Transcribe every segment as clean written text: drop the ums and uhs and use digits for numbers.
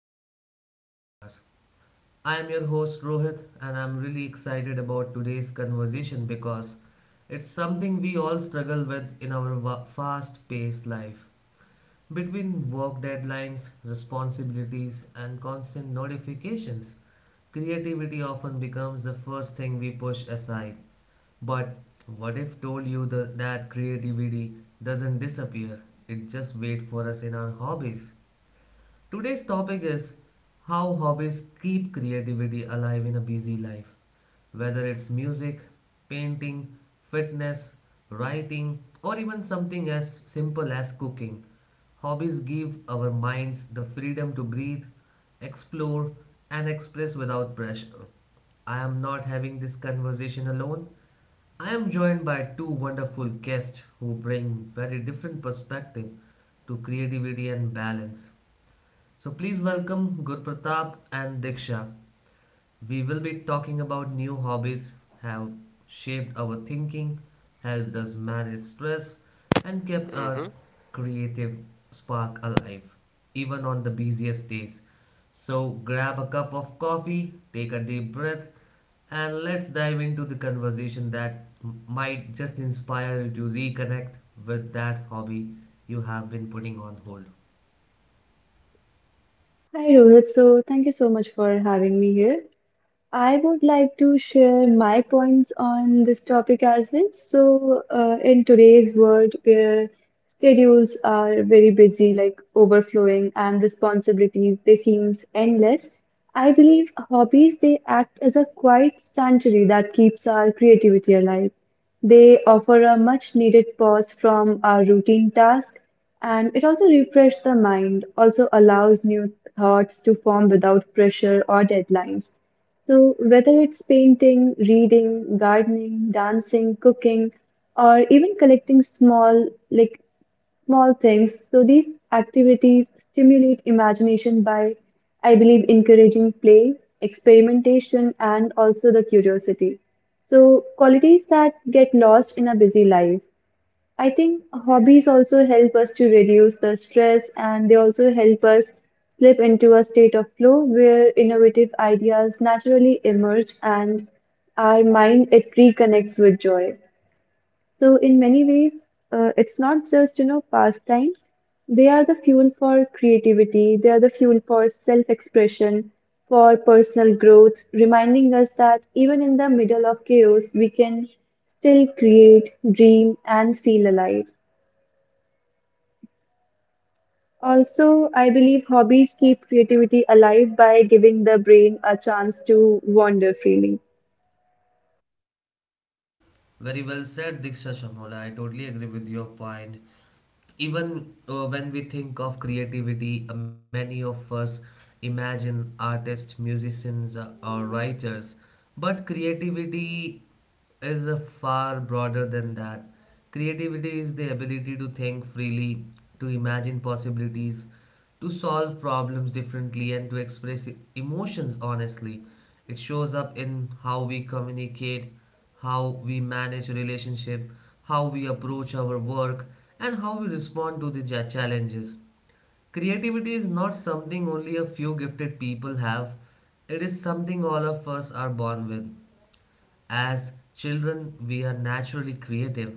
to today's podcast. I am your host Rohit, and I'm really excited about today's conversation because it's something we all struggle with in our fast paced life. Between work deadlines, responsibilities, and constant notifications, creativity often becomes the first thing we push aside. But what if told you that creativity doesn't disappear? It just waits for us in our hobbies. Today's topic is how hobbies keep creativity alive in a busy life. Whether it's music, painting, fitness, writing, or even something as simple as cooking, hobbies give our minds the freedom to breathe, explore, and express without pressure. I am not having this conversation alone. I am joined by two wonderful guests who bring very different perspective to creativity and balance. So please welcome Gurpratap and Diksha. We will be talking about new hobbies have shaped our thinking, helped us manage stress, and kept our hmm creative spark alive, even on the busiest days. So grab a cup of coffee, take a deep breath, and let's dive into the conversation that might just inspire you to reconnect with that hobby you have been putting on hold. Hi Rohit, so thank you so much for having me here. I would like to share my points on this topic as well. So, in today's world where schedules are very busy, like overflowing, and responsibilities, they seems endless. I believe hobbies, they act as a quiet sanctuary that keeps our creativity alive. They offer a much needed pause from our routine tasks, and it also refreshes the mind, also allows new thoughts to form without pressure or deadlines. So, whether it's painting, reading, gardening, dancing, cooking, or even collecting small, like, small things, so these activities stimulate imagination by, I believe, encouraging play, experimentation, and also the curiosity. So, qualities that get lost in a busy life. I think hobbies also help us to reduce the stress and they also help us slip into a state of flow where innovative ideas naturally emerge and our mind it reconnects with joy. So in many ways, it's not just pastimes. They are the fuel for creativity. They are the fuel for self-expression, for personal growth, reminding us that even in the middle of chaos, we can still create, dream, and feel alive. Also, I believe hobbies keep creativity alive by giving the brain a chance to wander freely. Very well said, Diksha Shamola. I totally agree with your point. Even when we think of creativity, many of us imagine artists, musicians, or writers. But creativity is far broader than that. Creativity is the ability to think freely, to imagine possibilities, to solve problems differently, and to express emotions honestly. It shows up in how we communicate, how we manage relationship, how we approach our work, and how we respond to the challenges. Creativity is not something only a few gifted people have. It is something all of us are born with. As children, we are naturally creative.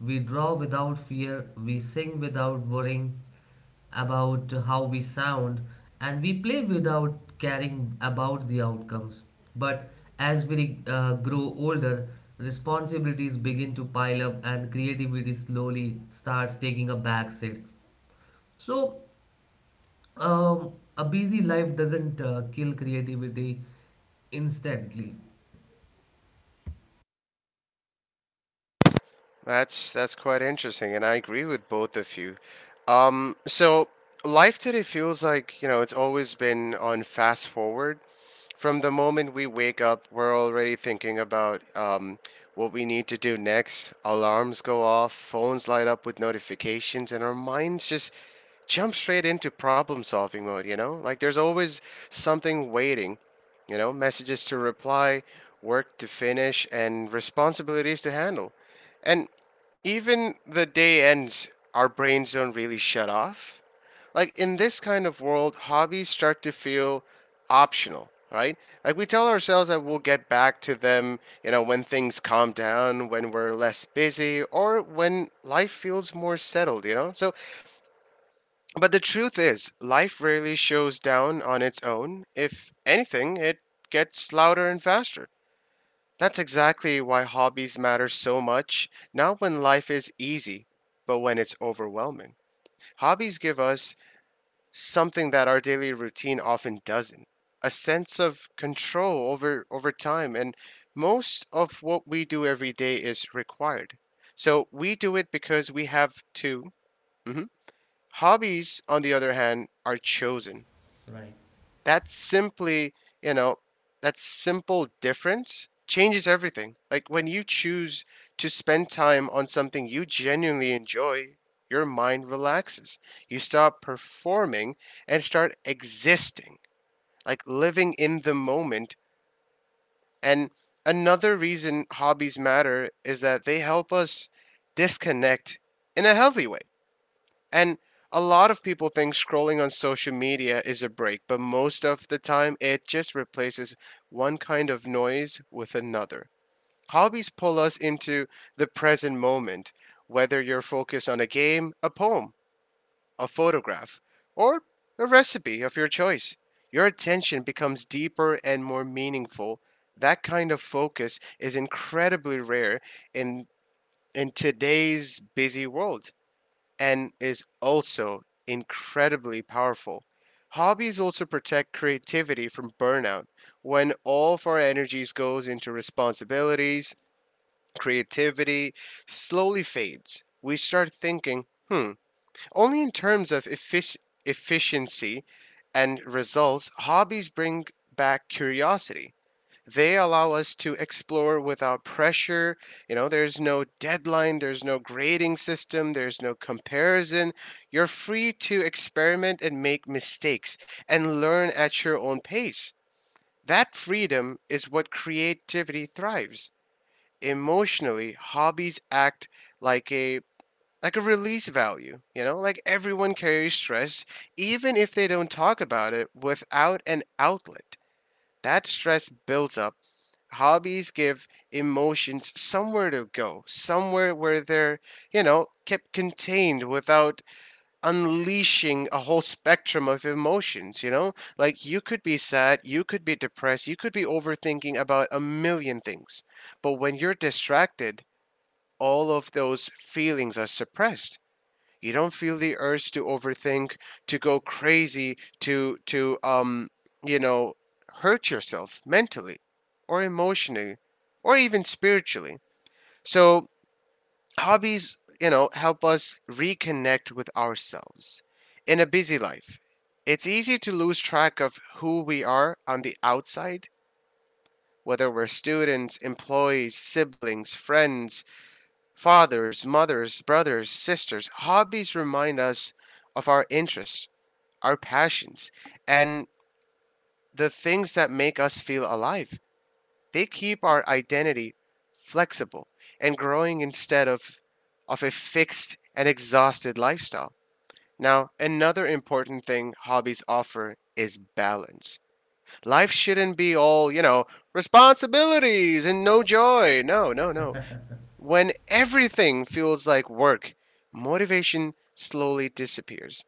We draw without fear, we sing without worrying about how we sound, and we play without caring about the outcomes. But as we grow older, responsibilities begin to pile up, and creativity slowly starts taking a backseat. So, a busy life doesn't kill creativity instantly. That's that's quite interesting, and I agree with both of you. So life today feels like, it's always been on fast forward. From the moment we wake up, we're already thinking about what we need to do next. Alarms go off, phones light up with notifications, and our minds just jump straight into problem solving mode, you know? Like there's always something waiting, you know? Messages to reply, work to finish, and responsibilities to handle. And even the day ends, our brains don't really shut off. Like in this kind of world, hobbies start to feel optional, right? Like we tell ourselves that we'll get back to them, when things calm down, when we're less busy, or when life feels more settled, you know? So, but the truth is, life rarely shows down on its own. If anything, it gets louder and faster. That's exactly why hobbies matter so much, not when life is easy, but when it's overwhelming. Hobbies give us something that our daily routine often doesn't — a sense of control over time. And most of what we do every day is required, so we do it because we have to. Mhm. Hobbies, on the other hand, are chosen. Right. That's simply, you know, That simple difference changes everything. Like when you choose to spend time on something you genuinely enjoy, your mind relaxes. You stop performing and start existing, like living in the moment. And another reason hobbies matter is that they help us disconnect in a healthy way. And a lot of people think scrolling on social media is a break, but most of the time it just replaces one kind of noise with another. Hobbies pull us into the present moment, whether you're focused on a game, a poem, a photograph, or a recipe of your choice. Your attention becomes deeper and more meaningful. That kind of focus is incredibly rare in in today's busy world and is also incredibly powerful. Hobbies also protect creativity from burnout. When all of our energies goes into responsibilities, creativity slowly fades. We start thinking only in terms of efficiency and results. Hobbies bring back curiosity. They allow us to explore without pressure. There's no deadline, there's no grading system, there's no comparison. You're free to experiment and make mistakes and learn at your own pace. That freedom is what creativity thrives. Emotionally, hobbies act like a like a release value. Like everyone carries stress, even if they don't talk about it. Without an outlet, that stress builds up. Hobbies give emotions somewhere to go, somewhere where they're, kept contained without unleashing a whole spectrum of emotions, you know? Like you could be sad, you could be depressed, you could be overthinking about a million things. But when you're distracted, all of those feelings are suppressed. You don't feel the urge to overthink, to go crazy, to you know, hurt yourself mentally or emotionally or even spiritually. So, hobbies, help us reconnect with ourselves in a busy life. It's easy to lose track of who we are on the outside, whether we're students, employees, siblings, friends, fathers, mothers, brothers, sisters. Hobbies remind us of our interests, our passions, and the things that make us feel alive. They keep our identity flexible and growing, instead of a fixed and exhausted lifestyle. Now, another important thing hobbies offer is balance. Life shouldn't be all, responsibilities and no joy. No, no, no. When everything feels like work, motivation slowly disappears.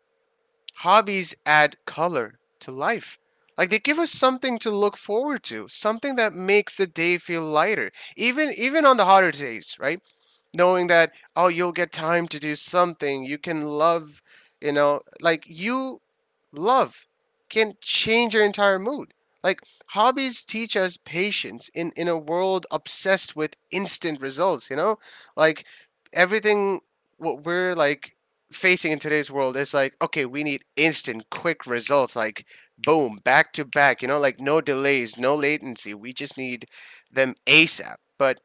Hobbies add color to life. Like they give us something to look forward to, something that makes the day feel lighter, even on the hotter days, right? Knowing that, oh, you'll get time to do something you can love, like you love, can change your entire mood. Like hobbies teach us patience in a world obsessed with instant results, you know? Like everything what we're like facing in today's world is like, okay, we need instant quick results, like boom, back to back, like no delays, no latency. We just need them ASAP. But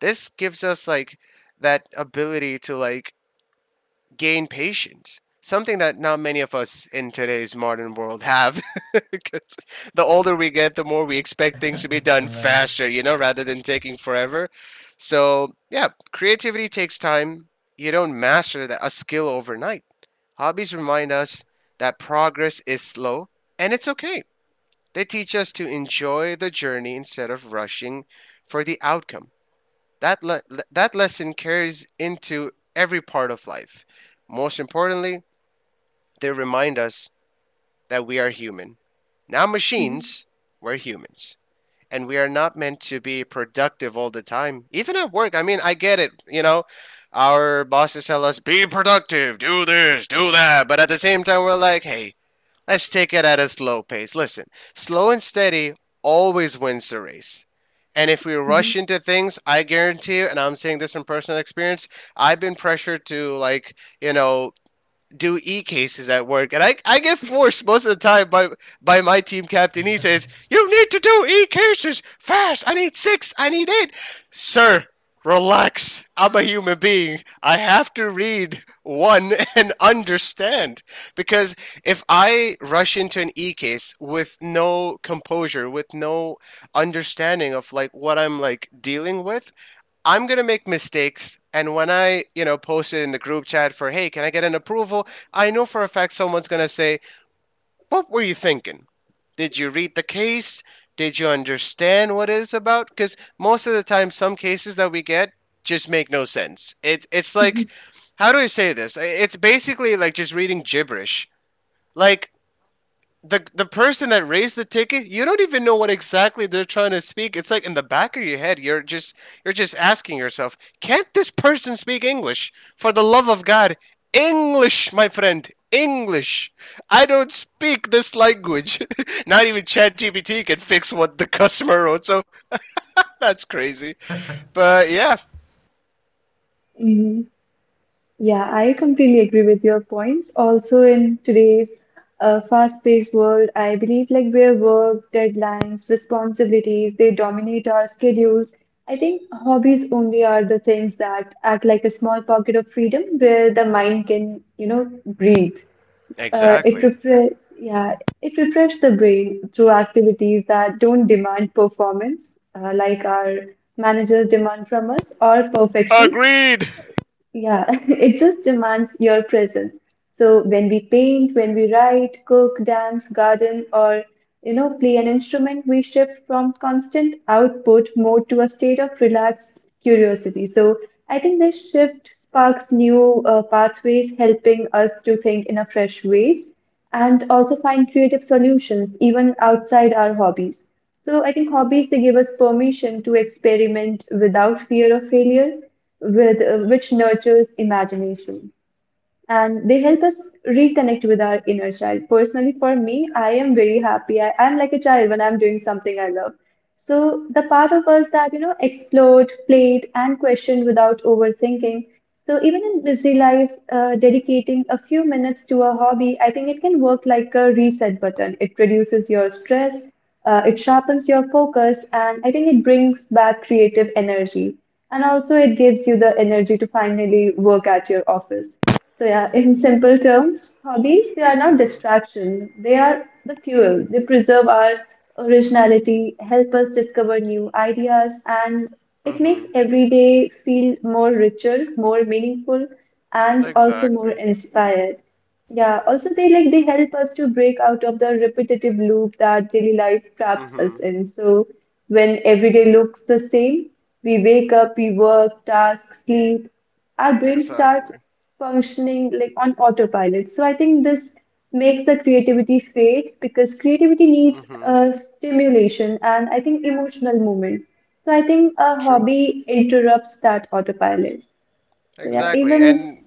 this gives us like that ability to like gain patience. Something that not many of us in today's modern world have. Because the older we get, the more we expect things to be done Right. faster, rather than taking forever. So, yeah, creativity takes time. You don't master that, a skill overnight. Hobbies remind us that progress is slow and it's okay. They teach us to enjoy the journey instead of rushing for the outcome. That, that lesson carries into every part of life. Most importantly, they remind us that we are human. Not Mhm, machines, we're humans. And we are not meant to be productive all the time. Even at work, I mean, I get it. Our bosses tell us, be productive, do this, do that. But at the same time, we're like, hey, let's take it at a slow pace. Listen, slow and steady always wins the race. And if we mhm. rush into things, I guarantee you, and I'm saying this from personal experience, I've been pressured to like, do e cases at work, and I get forced most of the time by my team captain. He says, "You need to do e cases fast. I need six. I need eight, sir." Relax. I'm a human being. I have to read one and understand. Because if I rush into an e case with no composure, with no understanding of like what I'm like dealing with, I'm going to make mistakes. And when I, post it in the group chat for, hey, can I get an approval? I know for a fact someone's going to say, what were you thinking? Did you read the case? Did you understand what it's about? Because most of the time, some cases that we get just make no sense. It's like, how do I say this? It's basically like just reading gibberish. Like, the person that raised the ticket, you don't even know what exactly they're trying to speak. It's like in the back of your head, you're just asking yourself, can't this person speak English? For the love of God, English, my friend, English. I don't speak this language. Not even ChatGPT can fix what the customer wrote, so that's crazy. But yeah, Hmm. Yeah, I completely agree with your points. Also, in today's fast-paced world, I believe like where work, deadlines, responsibilities, they dominate our schedules. I think hobbies only are the things that act like a small pocket of freedom where the mind can, breathe. It exactly. refre yeah, it refreshes the brain through activities that don't demand performance, like our managers demand from us, or perfection. Agreed. Yeah, it just demands your presence. So when we paint, when we write, cook, dance, garden, or play an instrument, we shift from constant output mode to a state of relaxed curiosity. So I think this shift sparks new pathways, helping us to think in a fresh ways and also find creative solutions even outside our hobbies. So I think hobbies they give us permission to experiment without fear of failure which nurtures imagination and they help us reconnect with our inner child. Personally, for me, I am very happy. I'm like a child when I'm doing something I love. So the part of us that, explored, played, and questioned without overthinking. So even in busy life, dedicating a few minutes to a hobby, I think it can work like a reset button. It reduces your stress, it sharpens your focus, and I think it brings back creative energy. And also, it gives you the energy to finally work at your office. So yeah, in simple terms, hobbies, they are not distraction. They are the fuel. They preserve our originality, help us discover new ideas, and it makes Mhm. every day feel more richer, more meaningful, and also more Exactly. inspired. Yeah, also they, like, they help us to break out of the repetitive loop that daily life traps us Mhm. in. So when every day looks the same, we wake up, we work, task, sleep, our brains start Exactly. functioning like on autopilot. So I think this makes the creativity fade because creativity needs Mhm. a stimulation and I think emotional moment. So I think a True. hobby interrupts that autopilot. So yeah, Exactly. even s- And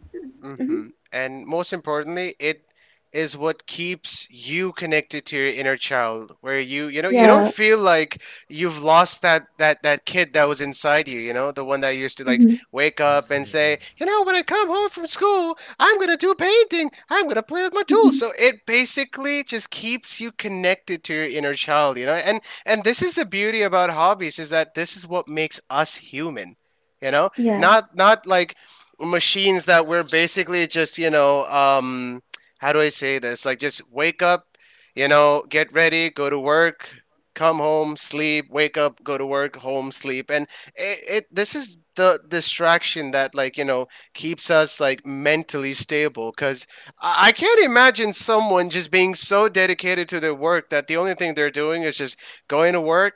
Mhm, And most importantly, it is what keeps you connected to your inner child, where you know you don't yeah, feel like you've lost that kid that was inside you, you know the one that used to like mhm, wake up and say, Absolutely, when I come home from school, I'm going to do painting, I'm going to play with my tools. So it basically just keeps you connected to your inner child, and this is the beauty about hobbies, is that this is what makes us human, you know yeah, not like machines that we're basically just how do I say this? Like just wake up, get ready, go to work, come home, sleep, wake up, go to work, home, sleep, and it this is the distraction that like keeps us like mentally stable. Because I can't imagine someone just being so dedicated to their work that the only thing they're doing is just going to work,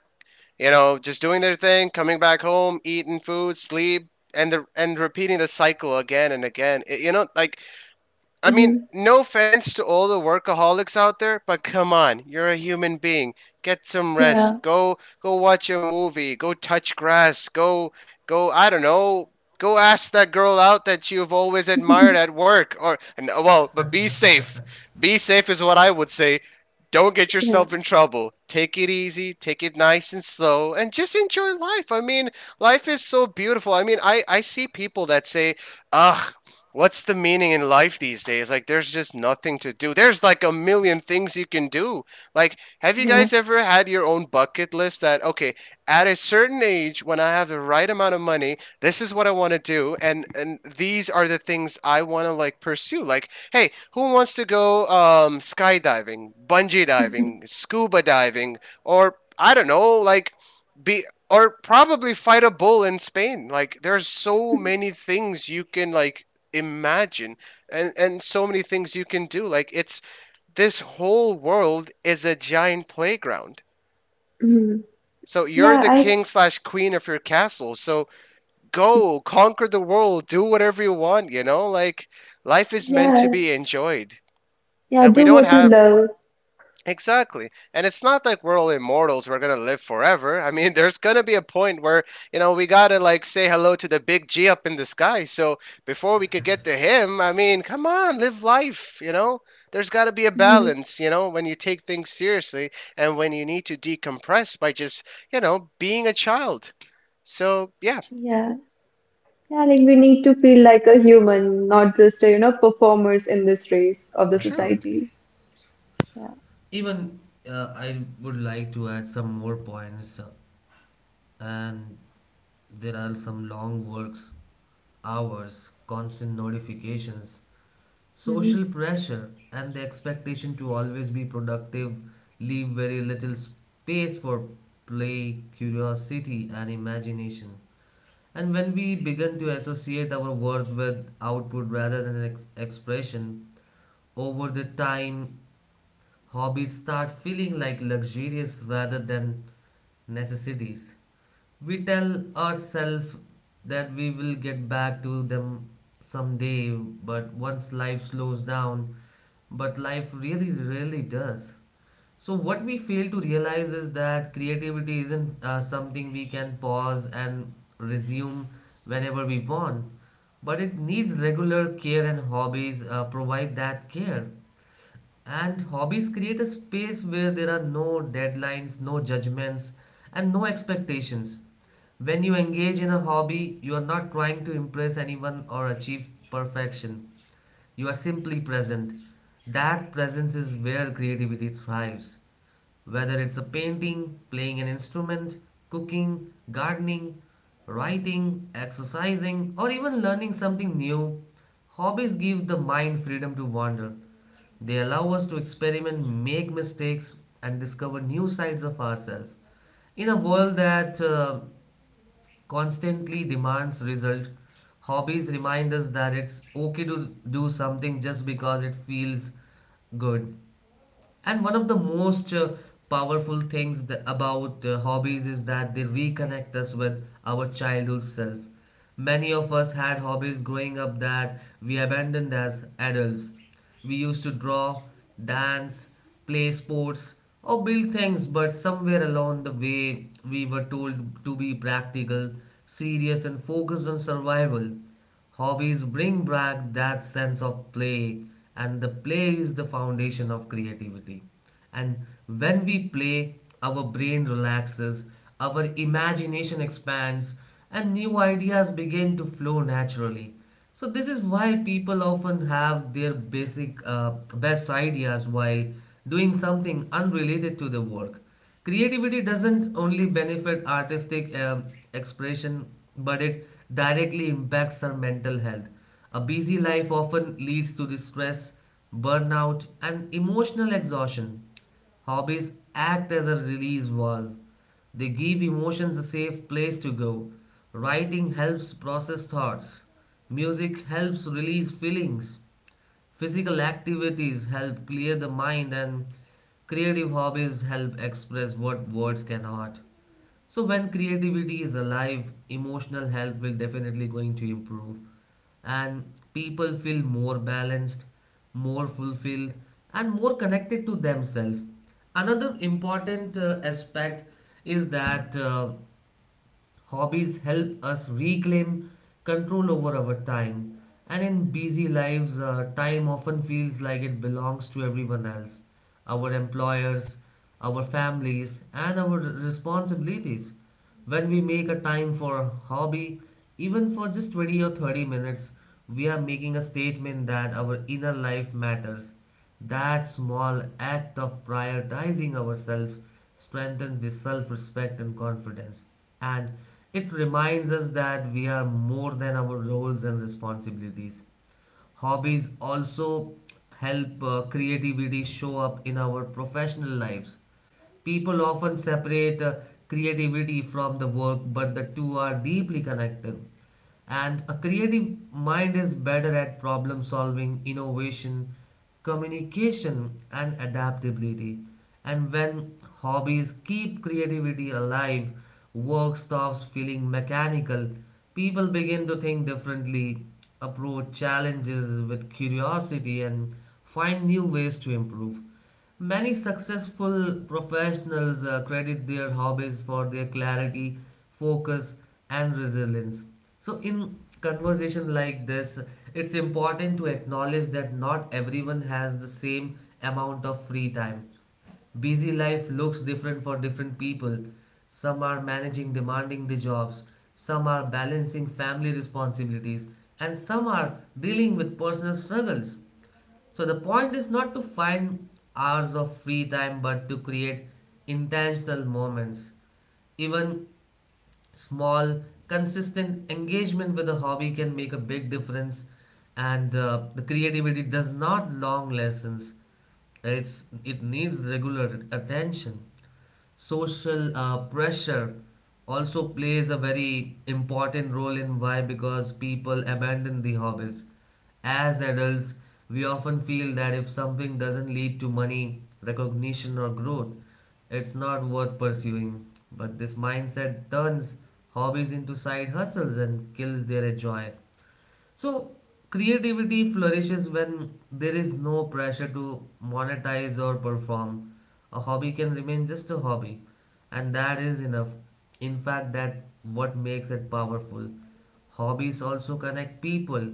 just doing their thing, coming back home, eating food, sleep, and repeating the cycle again and again. It, like I mean, mhm, no offense to all the workaholics out there, but come on, you're a human being. Get some yeah, rest. Go watch a movie. Go touch grass. Go I don't know. Go ask that girl out that you've always admired at work or and, well, but be safe. Be safe is what I would say. Don't get yeah, yourself in trouble. Take it easy, take it nice and slow, and just enjoy life. I mean, life is so beautiful. I mean, I see people that say, ugh, what's the meaning in life these days? Like, there's just nothing to do. There's like a million things you can do. Like, have you yeah, guys ever had your own bucket list that, okay, at a certain age, when I have the right amount of money, this is what I want to do, and these are the things I want to like pursue. Like, hey, who wants to go skydiving, bungee diving, scuba diving, or I don't know, like be or probably fight a bull in Spain. Like, there's so many things you can like imagine, and so many things you can do. Like, it's this whole world is a giant playground. mhm. So you're Yeah. the I king/queen of your castle. So go conquer the world, do whatever you want, like life is meant to yeah, be enjoyed. yeah. And we Do don't what you have. love. Exactly. And it's not like we're all immortals, we're going to live forever. I mean, there's going to be a point where, we got to like say hello to the big G up in the sky. So before we could get to him, I mean, come on, live life, you know? There's got to be a Mhm. balance, when you take things seriously and when you need to decompress by just, being a child. So, yeah, Yeah, yeah. Like we need to feel like a human, not just a, performers in this race of the true. absolutely. society. Yeah. Even I would like to add some more points, and there are some long works, hours, constant notifications, Mhm. social pressure, and the expectation to always be productive leave very little space for play, curiosity, and imagination. And when we begin to associate our worth with output rather than expression, over the time hobbies start feeling like luxurious rather than necessities. We tell ourselves that we will get back to them someday, but once life slows down, but life really, really does. So, what we fail to realize is that creativity isn't something we can pause and resume whenever we want, but it needs regular care, and hobbies provide that care. And hobbies create a space where there are no deadlines, no judgments, and no expectations. When you engage in a hobby, you are not trying to impress anyone or achieve perfection. You are simply present. That presence is where creativity thrives. Whether it's a painting, playing an instrument, cooking, gardening, writing, exercising, or even learning something new, hobbies give the mind freedom to wander. They allow us to experiment, make mistakes, and discover new sides of ourselves. In a world that constantly demands result, hobbies remind us that it's okay to do something just because it feels good. And one of the most powerful things about hobbies is that they reconnect us with our childhood self. Many of us had hobbies growing up that we abandoned as adults. We used to draw, dance, play sports, or build things, but somewhere along the way, we were told to be practical, serious, and focused on survival. Hobbies bring back that sense of play, and the play is the foundation of creativity. And when we play, our brain relaxes, our imagination expands, and new ideas begin to flow naturally. So, this is why people often have their basic, best ideas while doing something unrelated to the work. Creativity doesn't only benefit artistic expression, but it directly impacts our mental health. A busy life often leads to the stress, burnout, and emotional exhaustion. Hobbies act as a release valve. They give emotions a safe place to go. Writing helps process thoughts. Music helps release feelings. Physical activities help clear the mind, and creative hobbies help express what words cannot. So when creativity is alive, emotional health will definitely going to improve, and people feel more balanced, more fulfilled, and more connected to themselves. Another important aspect is that hobbies help us reclaim control over our time, and in busy lives, time often feels like it belongs to everyone else, our employers, our families, and our responsibilities. When we make a time for a hobby, even for just 20 or 30 minutes, we are making a statement that our inner life matters, that small act of prioritizing ourselves strengthens the self respect and confidence, and it reminds us that we are more than our roles and responsibilities. Hobbies also help creativity show up in our professional lives. People often separate creativity from the work, but the two are deeply connected. And a creative mind is better at problem solving, innovation, communication, and adaptability. And when hobbies keep creativity alive, work stops feeling mechanical, people begin to think differently, approach challenges with curiosity, and find new ways to improve. Many successful professionals credit their hobbies for their clarity, focus, and resilience. So, in conversation like this, it's important to acknowledge that not everyone has the same amount of free time. Busy life looks different for different people. Some are managing demanding the jobs, some are balancing family responsibilities, and some are dealing with personal struggles. So the point is not to find hours of free time but to create intentional moments. Even small, consistent engagement with a hobby can make a big difference, and the creativity does not long lessons. It's it needs regular attention. Social pressure also plays a very important role in why because people abandon the hobbies as adults. We often feel that if something doesn't lead to money recognition or growth, it's not worth pursuing, but this mindset turns hobbies into side hustles and kills their joy. So, creativity flourishes when there is no pressure to monetize or perform. A hobby can remain just a hobby, and that is enough. In fact, that what makes it powerful. Hobbies also connect people.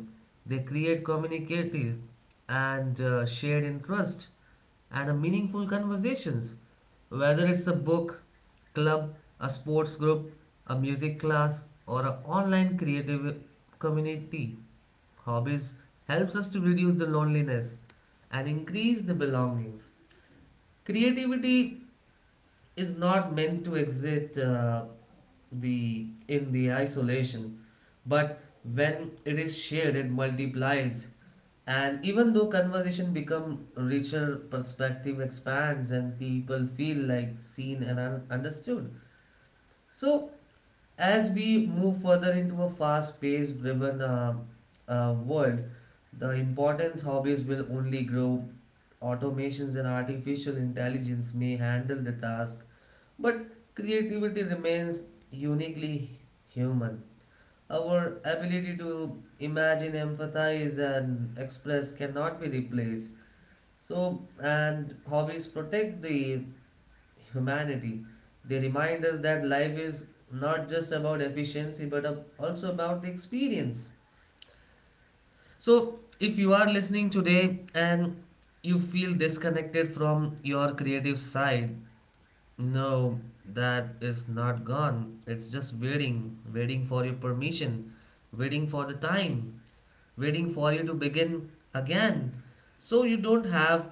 They create communities and shared interest and meaningful conversations. Whether it's a book, club, a sports group, a music class, or an online creative community, hobbies helps us to reduce the loneliness and increase the belongings. Creativity is not meant to exist the in the isolation, but when it is shared it multiplies, and even though conversation become richer, perspective expands, and people feel like seen and understood. So, as we move further into a fast paced driven world, the importance hobbies will only grow. Automations and artificial intelligence may handle the task, but creativity remains uniquely human. Our ability to imagine, empathize, and express cannot be replaced. So, and hobbies protect the humanity. They remind us that life is not just about efficiency but also about the experience. So, if you are listening today and you feel disconnected from your creative side, no, that is not gone. It's just waiting, waiting for your permission, waiting for the time, waiting for you to begin again. So you don't have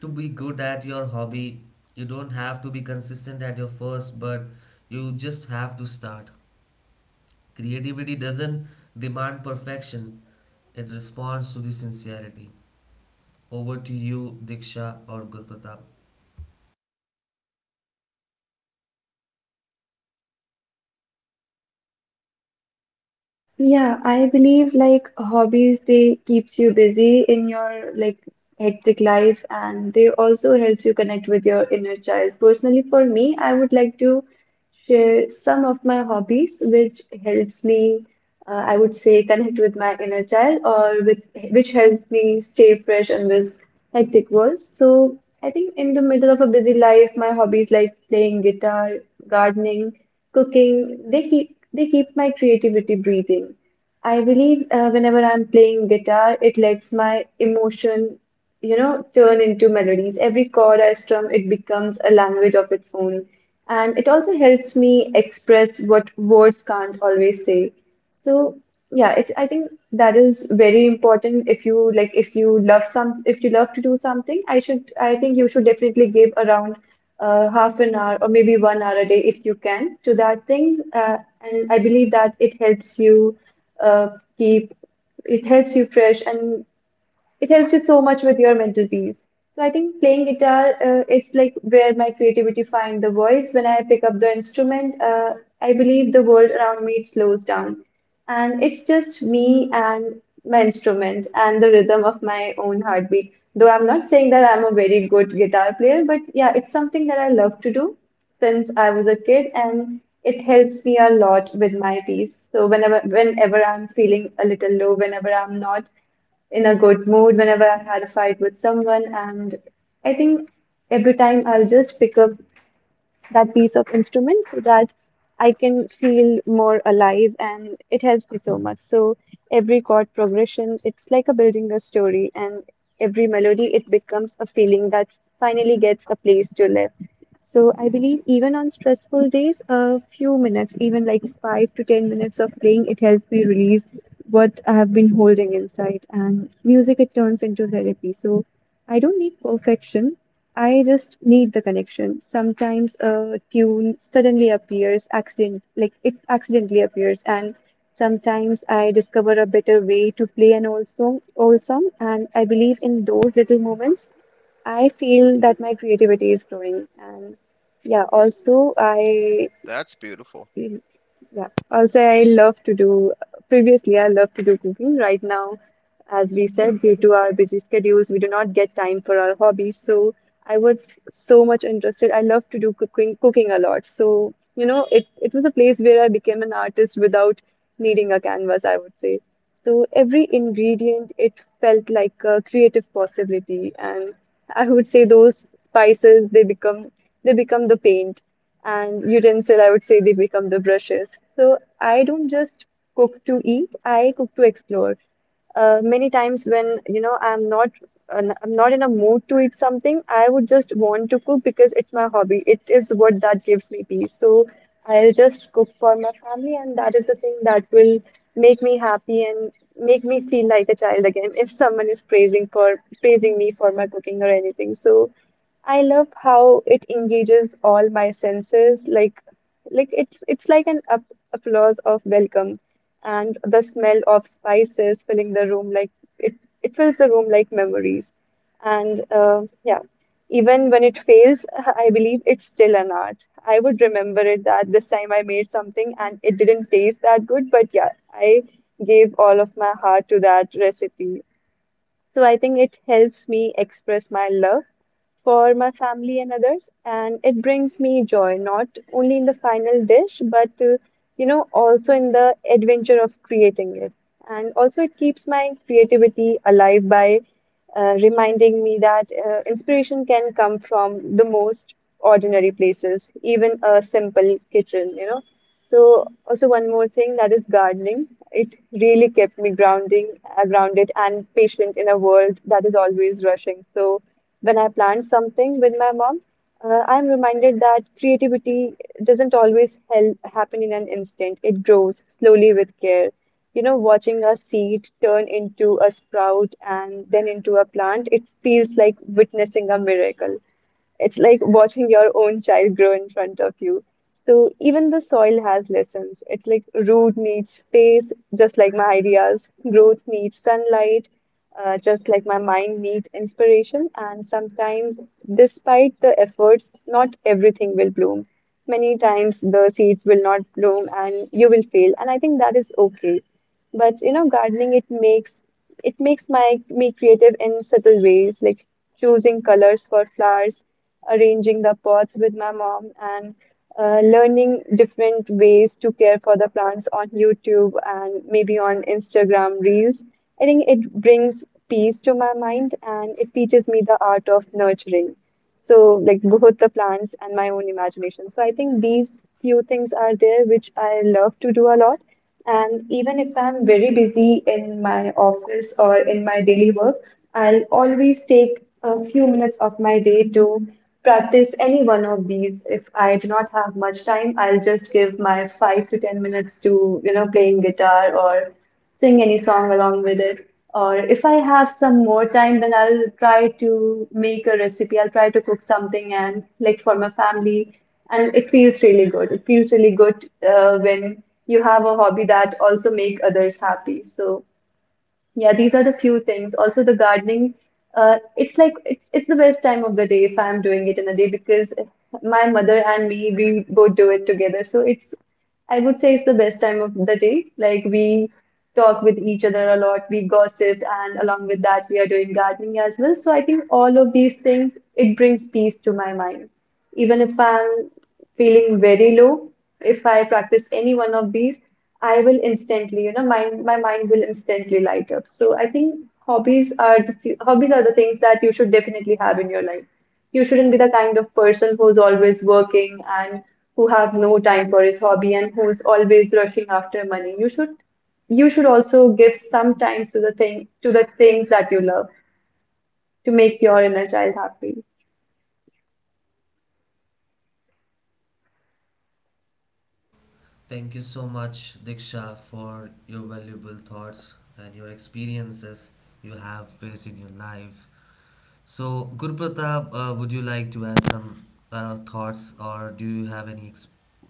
to be good at your hobby. You don't have to be consistent at your first, but you just have to start. Creativity doesn't demand perfection, it responds to the sincerity. Over to you, Diksha or Gurpratap. Yeah, I believe like hobbies, they keeps you busy in your like hectic life and they also helps you connect with your inner child. Personally, for me, I would like to share some of my hobbies which helps me, I would say, connect with my inner child or with which helps me stay fresh in this hectic world. So I think in the middle of a busy life, my hobbies like playing guitar, gardening, cooking, they keep my creativity breathing. I believe whenever I'm playing guitar, it lets my emotion, turn into melodies. Every chord I strum, it becomes a language of its own. And it also helps me express what words can't always say. So, yeah, I think that is very important. If you love to do something, I think you should definitely give around half an hour or maybe one hour a day if you can to that thing. And I believe that it helps you uh, keep, fresh and it helps you so much with your mental peace. So I think playing guitar, it's like where my creativity find the voice. When I pick up the instrument, I believe the world around me it slows down. And it's just me and my instrument and the rhythm of my own heartbeat. Though I'm not saying that I'm a very good guitar player, but yeah, it's something that I love to do since I was a kid and it helps me a lot with my peace. So whenever I'm feeling a little low, whenever I'm not in a good mood, whenever I had a fight with someone, and I think every time I'll just pick up that piece of instrument so that I can feel more alive and it helps me so much. So every chord progression, it's like a building a story and every melody it becomes a feeling that finally gets a place to live. So I believe even on stressful days, a few minutes, even like 5 to 10 minutes of playing, it helped me release what I have been holding inside. And music, it turns into therapy. So I don't need perfection. I just need the connection. Sometimes a tune suddenly appears, accident like it accidentally appears, and sometimes I discover a better way to play an old song. And I believe in those little moments I feel that my creativity is growing, and yeah, also I, That's beautiful. yeah, also I love to do. Previously, I love to do cooking. Right now, as we said, due to our busy schedules, we do not get time for our hobbies. So I was so much interested. I love to do cooking a lot. So, it was a place where I became an artist without needing a canvas, I would say. So every ingredient, it felt like a creative possibility. And I would say those spices, they become the paint and utensil, I would say, they become the brushes. So I don't just cook to eat, I cook to explore. Many times when I'm not in a mood to eat something, I would just want to cook because it's my hobby. It is what that gives me peace. So I'll just cook for my family, and that is the thing that will make me happy and make me feel like a child again if someone is praising me for my cooking or anything. So I love how it engages all my senses, like it's like an up applause of welcome and the smell of spices filling the room like it, it fills the room like memories. And yeah, even when it fails, I believe it's still an art. I would remember it that this time I made something and it didn't taste that good, but yeah, I gave all of my heart to that recipe. So I think it helps me express my love for my family and others, and it brings me joy not only in the final dish, but also in the adventure of creating it. And also, it keeps my creativity alive by reminding me that inspiration can come from the most ordinary places, even a simple kitchen. So also one more thing that is gardening. It really kept me grounded and patient in a world that is always rushing. So when I plant something with my mom, I'm reminded that creativity doesn't always help happen in an instant. It grows slowly with care. You know, watching a seed turn into a sprout and then into a plant, it feels like witnessing a miracle. It's like watching your own child grow in front of you. So even the soil has lessons. It's like root needs space, just like my ideas. Growth needs sunlight, just like my mind needs inspiration. And sometimes, despite the efforts, not everything will bloom. Many times the seeds will not bloom and you will fail. And I think that is okay. But gardening it makes my me creative in subtle ways, like choosing colors for flowers, arranging the pots with my mom, and learning different ways to care for the plants on YouTube and maybe on Instagram Reels. I think it brings peace to my mind and it teaches me the art of nurturing. So, like both the plants and my own imagination. So, I think these few things are there which I love to do a lot. And even if I'm very busy in my office or in my daily work, I'll always take a few minutes of my day to practice any one of these. If I do not have much time, I'll just give my 5 to 10 minutes to, playing guitar or sing any song along with it. Or if I have some more time, then I'll try to make a recipe. I'll try to cook something and like for my family. And it feels really good. It feels really good when you have a hobby that also make others happy. So yeah, these are the few things. Also, the gardening, it's like it's the best time of the day if I'm doing it in a day because my mother and me we both do it together. So it's I would say it's the best time of the day. Like we talk with each other a lot, we gossip, and along with that we are doing gardening as well. So I think all of these things it brings peace to my mind. Even if I'm feeling very low, if I practice any one of these, I will instantly, my mind will instantly light up. So I think hobbies are the things that you should definitely have in your life. You shouldn't be the kind of person who's always working and who have no time for his hobby and who is always rushing after money. You should also give some time to the things that you love to make your inner child happy. Thank you so much, Diksha, for your valuable thoughts and your experiences you have faced in your life. So, Guru Pratap, would you like to add some thoughts, or do you have any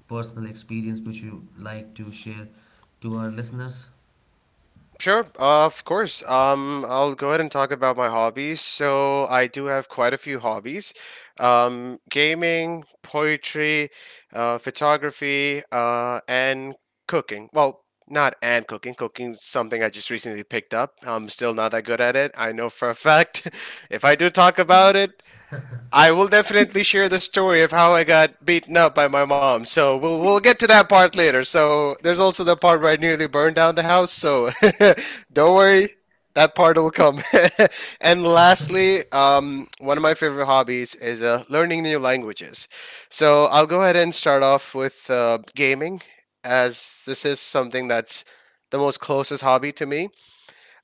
personal experience which you like to share to our listeners? Sure, of course. I'll go ahead and talk about my hobbies. So I do have quite a few hobbies: gaming, poetry, photography, and cooking. Well, not and cooking. Cooking's something I just recently picked up. I'm still not that good at it. I know for a fact. If I do talk about it, I will definitely share the story of how I got beaten up by my mom. So we'll get to that part later. So there's also the part where I nearly burned down the house. So don't worry, that part will come. And lastly, one of my favorite hobbies is learning new languages. So I'll go ahead and start off with gaming, as this is something that's the most closest hobby to me.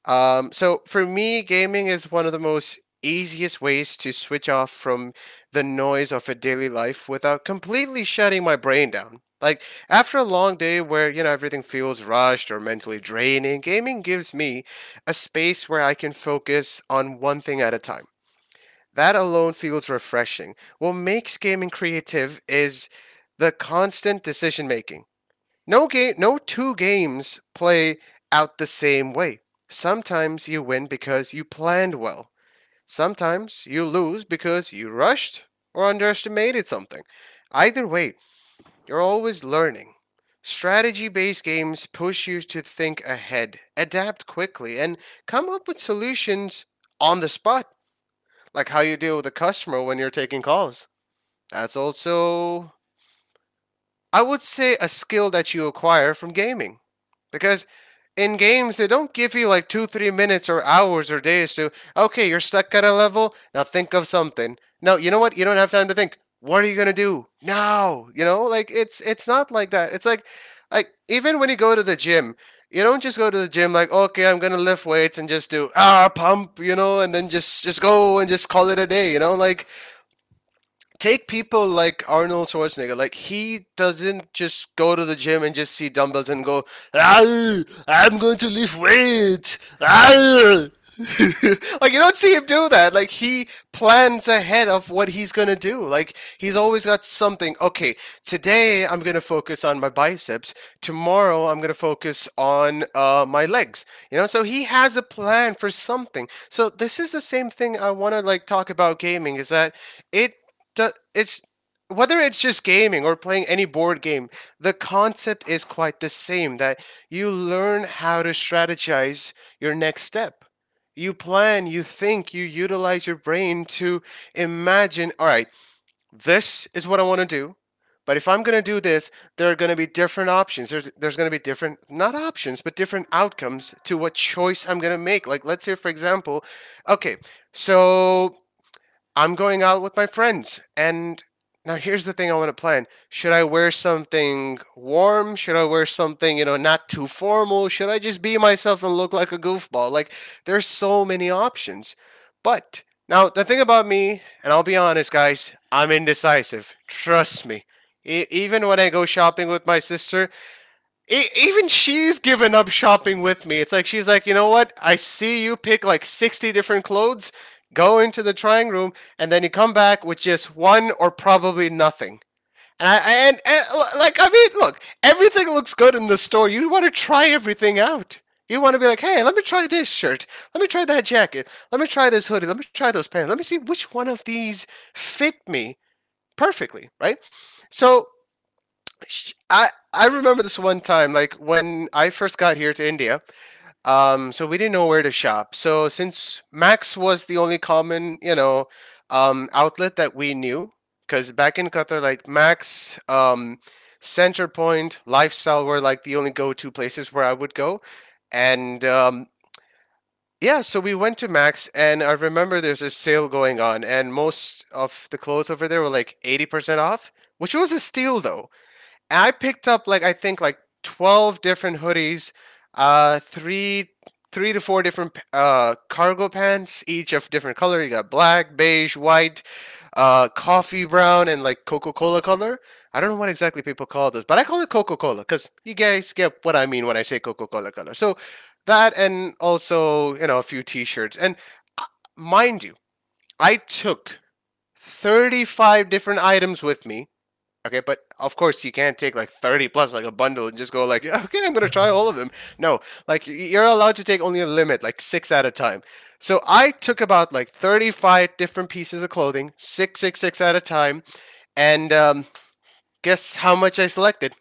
So for me, gaming is one of the most easiest ways to switch off from the noise of a daily life without completely shutting my brain down. Like after a long day where everything feels rushed or mentally draining, gaming gives me a space where I can focus on one thing at a time. That alone feels refreshing. What makes gaming creative is the constant decision making. No two games play out the same way. Sometimes you win because you planned well. Sometimes you lose because you rushed or underestimated something. Either way, you're always learning. Strategy based games push you to think ahead, adapt quickly, and come up with solutions on the spot, like how you deal with a customer when you're taking calls. That's also, I would say, a skill that you acquire from gaming. Because in games, they don't give you like two, 3 minutes or hours or days to, okay, you're stuck at a level, now think of something. No, you know what? You don't have time to think. What are you gonna do now? You know, like it's not like that. It's like even when you go to the gym, you don't just go to the gym like okay I'm gonna lift weights and just do pump and then just go and just call it a day. Take people like Arnold Schwarzenegger. Like he doesn't just go to the gym and just see dumbbells and go, "Ah, I'm going to lift weight. like you don't see him do that. Like he plans ahead of what he's gonna do. Like he's always got something. Okay, today I'm gonna focus on my biceps. Tomorrow I'm gonna focus on my legs. You know, so he has a plan for something. So this is the same thing I wanna like talk about gaming. Is that it it's whether it's just gaming or playing any board game, the concept is quite the same that you learn how to strategize your next step. You plan, you think, you utilize your brain to imagine, all right, this is what I want to do. But if I'm going to do this, there are going to be different options. There's going to be different, not options, but different outcomes to what choice I'm going to make. Like, let's say, for example, okay, so I'm going out with my friends. And now here's the thing I want to plan. Should I wear something warm? Should I wear something, not too formal? Should I just be myself and look like a goofball? Like there's so many options. But now the thing about me, and I'll be honest guys, I'm indecisive. Trust me. Even when I go shopping with my sister, even she's given up shopping with me. It's like she's like, you know what? I see you pick like 60 different clothes, go into the trying room, and then you come back with just one or probably nothing. And, I, and like, I mean, look, everything looks good in the store. You want to try everything out. You want to be like, hey, let me try this shirt. Let me try that jacket. Let me try this hoodie. Let me try those pants. Let me see which one of these fit me perfectly, right? So I remember this one time, like when I first got here to India. So we didn't know where to shop. So since Max was the only common, outlet that we knew, because back in Qatar, like Max, Centerpoint, Lifestyle were like the only go-to places where I would go, and yeah, so we went to Max, and I remember there's a sale going on, and most of the clothes over there were like 80% off, which was a steal though. I picked up like I think like 12 different hoodies, uh, three three to four different cargo pants, each of different color. You got black, beige, white, coffee brown, and like Coca Cola color. I don't know what exactly people call those, but I call it Coca Cola because you guys get what I mean when I say Coca Cola color. So that, and also a few T-shirts. And uh, mind you, I took 35 different items with me. Okay, but of course you can't take like 30 plus like a bundle and just go like, okay, I'm gonna try all of them. No, like you're allowed to take only a limit, like six at a time. So I took about like 35 different pieces of clothing, six, six, six at a time, and guess how much I selected?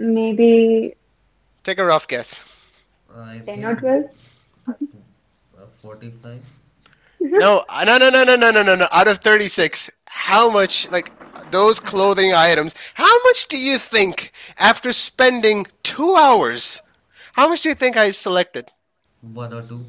Maybe Take a rough guess. I 10 or think 12? f- 45, No, no, no, no, no, no, no, no, no. Out of 36, how much like those clothing items? How much do you think after spending 2 hours? How much do you think I selected? one or two.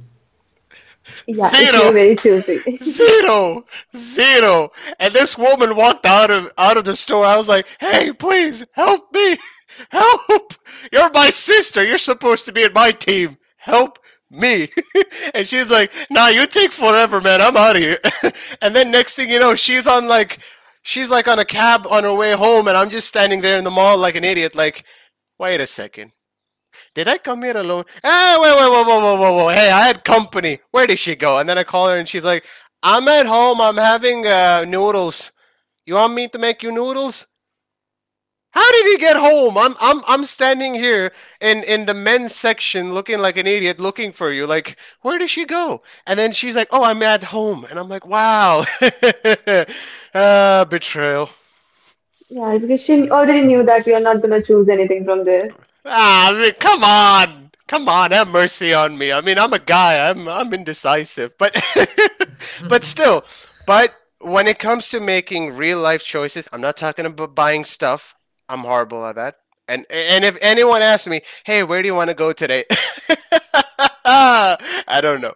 Yeah, if Zero, you're very choosy. zero, zero. And this woman walked out of the store. I was like, hey, please help me. Help! You're my sister. You're supposed to be in my team. Help me. And she's like, nah, you take forever, man. I'm out of here. And then next thing you know, she's like on a cab on her way home and I'm just standing there in the mall like an idiot, like, wait a second. Did I come here alone? Hey, wait, wait, whoa, whoa, whoa, whoa, whoa. Hey, I had company. Where did she go? And then I call her and she's like, I'm at home. I'm having noodles. You want me to make you noodles? How did you get home? I'm standing here in the men's section looking like an idiot looking for you. Like, where did she go? And then she's like, "Oh, I'm at home." And I'm like, "Wow." Betrayal. Yeah, because she already knew that you're not gonna choose anything from there. Ah, I mean, come on, come on, have mercy on me. I mean, I'm a guy. I'm indecisive, but but still, but when it comes to making real life choices, I'm not talking about buying stuff. I'm horrible at that. And if anyone asks me, hey, where do you want to go today? I don't know.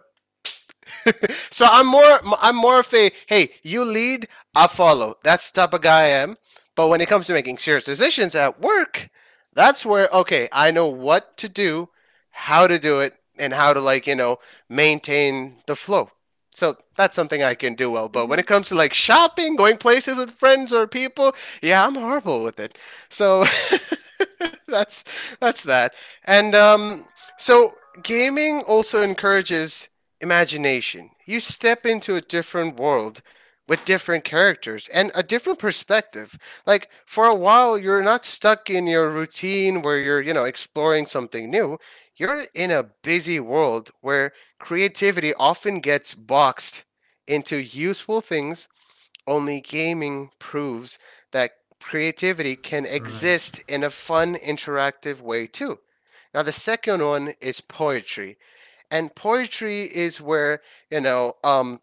So I'm more of a hey, you lead, I follow. That's the type of guy I am. But when it comes to making serious decisions at work, that's where okay, I know what to do, how to do it, and how to like, maintain the flow. So that's something I can do well. But when Mhm, it comes to like shopping, going places with friends or people, yeah, I'm horrible with it. So that's that's that. And so gaming also encourages imagination. You step into a different world with different characters and a different perspective. Like for a while you're not stuck in your routine where you're, exploring something new. You're in a busy world where creativity often gets boxed into useful things. Only gaming proves that creativity can Right. exist in a fun interactive way too. Now the second one is poetry, and poetry is where you know um,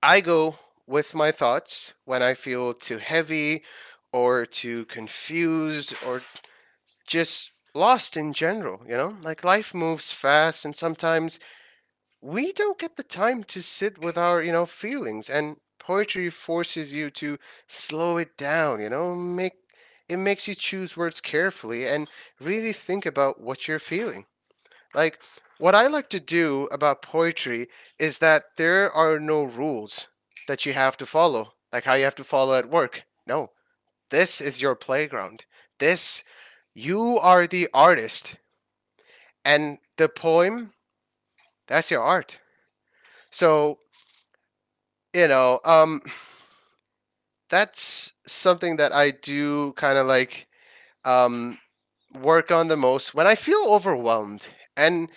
I go with my thoughts when I feel too heavy or too confused or just lost in general, like life moves fast, and sometimes we don't get the time to sit with our feelings. And poetry forces you to slow it down. You know make It makes you choose words carefully and really think about what you're feeling. Like, what I like to do about poetry is that there are no rules that you have to follow, like how you have to follow at work. No, this is your playground. This, you are the artist, and the poem, that's your art. So, you know, um, that's something that I do kind of like um, work on the most when I feel overwhelmed. And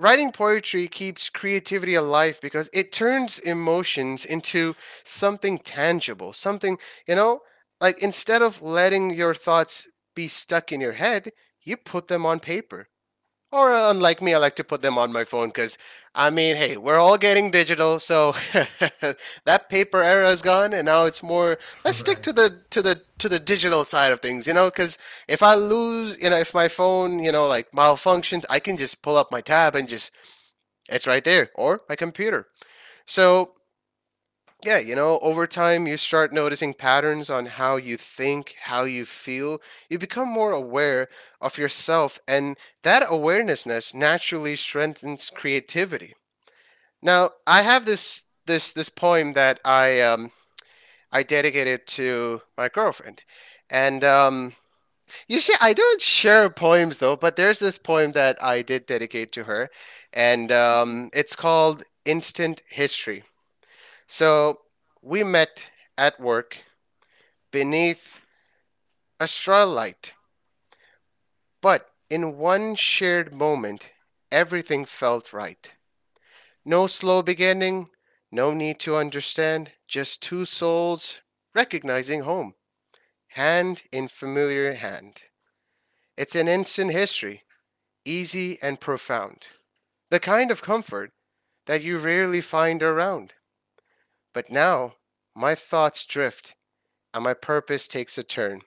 writing poetry keeps creativity alive because it turns emotions into something tangible, something, you know, like instead of letting your thoughts be stuck in your head, you put them on paper. Or unlike me, I like to put them on my phone because, I mean, hey, we're all getting digital, so that paper era is gone, and now it's more. Let's stick Right. to the digital side of things, because if I lose, you know, if my phone, like malfunctions, I can just pull up my tab and just it's right there, or my computer. So, yeah, over time you start noticing patterns on how you think, how you feel. You become more aware of yourself, and that awarenessness naturally strengthens creativity. Now, I have this poem that I dedicated to my girlfriend. And you see, I don't share poems, though, but there's this poem that I did dedicate to her, and mhm, it's called Instant History. So we met at work beneath a straw light, but in one shared moment, everything felt right. No slow beginning, no need to understand, just two souls recognizing home, hand in familiar hand. It's an instant history, easy and profound. The kind of comfort that you rarely find around. But now, my thoughts drift and my purpose takes a turn.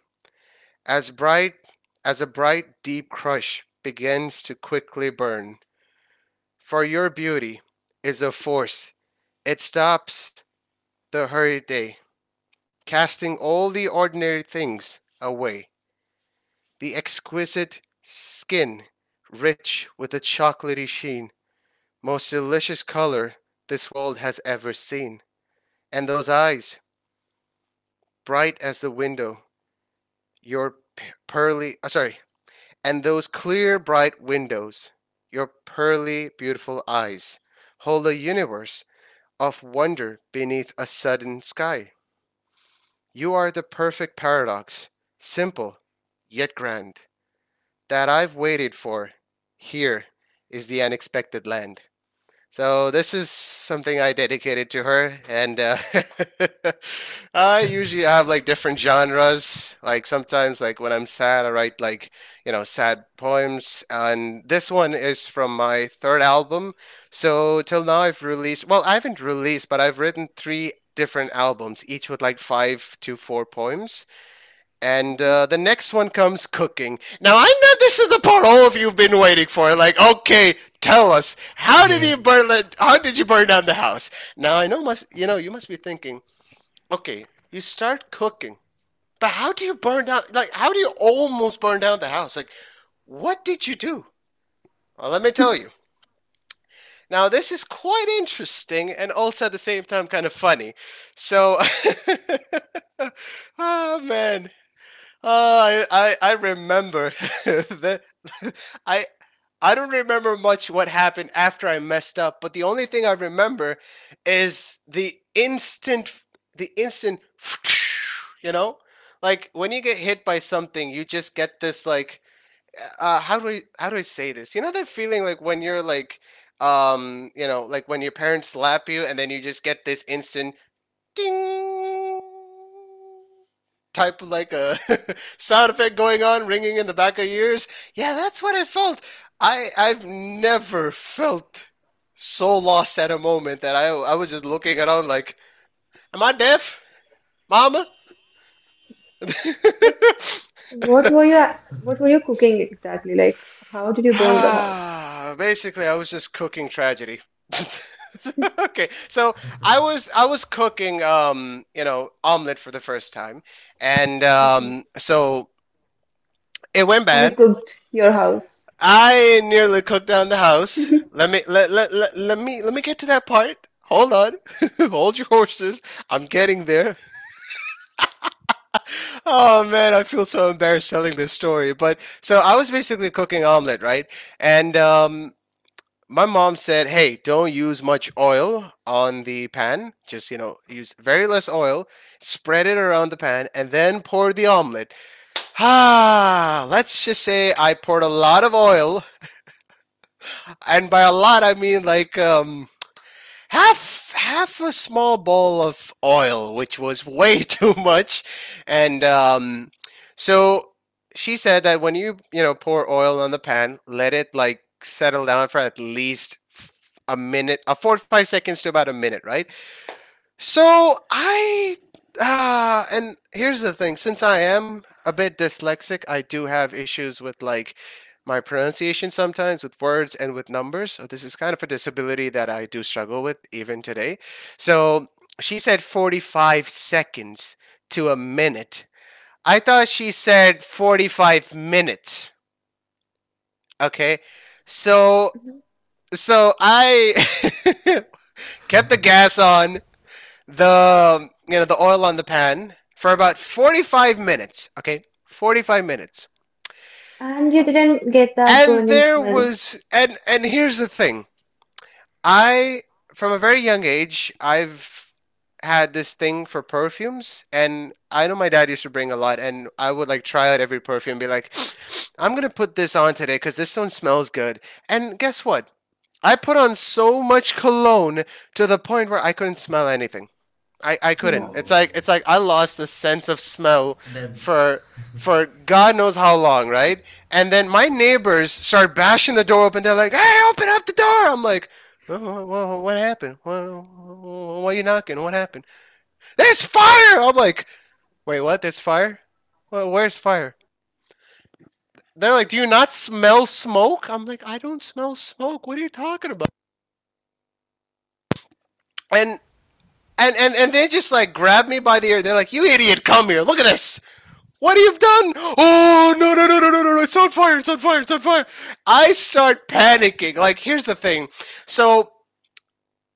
As bright as a bright deep crush begins to quickly burn, for your beauty is a force. It stops the hurried day, casting all the ordinary things away. The exquisite skin, rich with a chocolatey sheen, most delicious color this world has ever seen. And those eyes, bright as the window, your pearly, uh, sorry, and those clear, bright windows, your pearly, beautiful eyes, hold a universe of wonder beneath a sudden sky. You are the perfect paradox, simple, yet grand, that I've waited for. Here is the unexpected land. So this is something I dedicated to her. And I usually have like different genres. Like sometimes, like when I'm sad, I write like sad poems, and this one is from my third album. So till now, I've released well, I haven't released, but I've written three different albums, each with like five to four poems. And mhm. the next one comes cooking. Now I know this is the part all of you've been waiting for. Like, okay, tell us, how did you Yes. burn? How did you burn down the house? Now, I know must you know you must be thinking, okay, you start cooking, but how do you burn down? Like, how do you almost burn down the house? Like, what did you do? Well, let me tell you. Now, this is quite interesting, and also at the same time kind of funny. So, oh man. Oh, I remember. the, I I don't remember much what happened after I messed up, but the only thing I remember is the instant. You know? Like when you get hit by something, you just get this like how do I say this? You know that feeling, like when your parents slap you, and then you just get this instant ding type of like a sound effect going on, ringing in the back of your ears. Yeah, that's what I felt. I've never felt so lost at a moment that I was just looking around like, am I deaf, Mama? But what were you what were you cooking exactly? Like, how did you burn the house? Basically, I was just cooking tragedy. Okay, so I was cooking omelet for the first time, and Okay. So it went And you bad. cooked your house. I nearly cooked down the house. Let me get to that part. Hold on. Hold your horses. I'm getting there. Oh man, I feel so embarrassed telling this story. But so I was basically cooking omelet, right? And my mom said, "Hey, don't use much oil on the pan. Just, you know, use very less oil. Spread it around the pan and then pour the omelet." Ah, let's just say I poured a lot of oil, and by a lot I mean like half a small bowl of oil, which was way too much, and so she said that when you know pour oil on the pan, let it like settle down for at least f- a minute, a 4 to 5 seconds to about a minute, right? So, I and here's the thing. Since I am a bit dyslexic, I do have issues with like my pronunciation sometimes with words and with numbers. So this is kind of a disability that I do struggle with even today. So she said 45 seconds to a minute. I thought she said 45 minutes. Okay. So so I kept the gas on the you know the oil on the pan for about 45 minutes. Okay, 45 minutes. And you didn't get that And burning there smell. was and Here's the thing. I From a very young age, I've had this thing for perfumes, and I know my dad used to bring a lot, and I would like try out every perfume and be like, I'm gonna put this on today because this one smells good. And guess what? I put on so much cologne to the point where I couldn't smell anything. I couldn't. It's Wow. Oh, like it's like I lost the sense of smell that. for for God knows how long, right? And then my neighbors start bashing the door open. They're like, "Hey, open up the door!" I'm like, "Whoa, whoa, what happened? Whoa, whoa, why are you knocking? What happened? There's fire!" I'm like, "Wait, what? There's fire? Well, where's fire?" They're like, "Do you not smell smoke?" I'm like, "I don't smell smoke. What are you talking about?" And and they just like grab me by the ear. They're like, "You idiot, come here. Look at this. What you've done? Oh, no, no, no, no, no, no! No. It's on fire! It's on fire! It's on fire!" I start panicking. Like, here's the thing. So,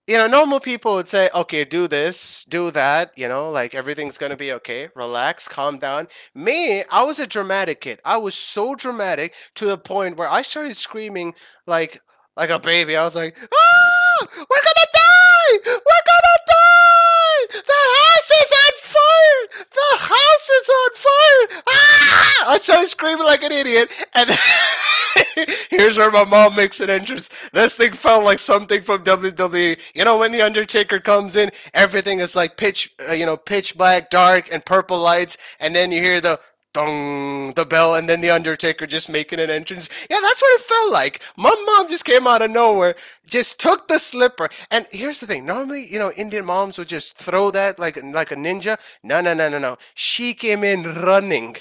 normal people would say, okay, do this, do that, like everything's gonna be okay, relax, calm down. Me, I was a dramatic kid. I was so dramatic to the point where I started screaming, like, like, a baby. I was like, ah, we're gonna die! We're gonna die! The house is on fire! The house is on fire! Ah! I started screaming like an idiot, and here's where my mom makes an entrance. This thing felt like something from WWE. You know, when the Undertaker comes in, everything is like pitch black, dark, and purple lights, and then you hear the dung, the bell, and then the Undertaker just making an entrance. Yeah, that's what it felt like. My mom just came out of nowhere, just took the slipper, and here's the thing. Normally, Indian moms would just throw that like a ninja. No, no, no, no, no, she came in running,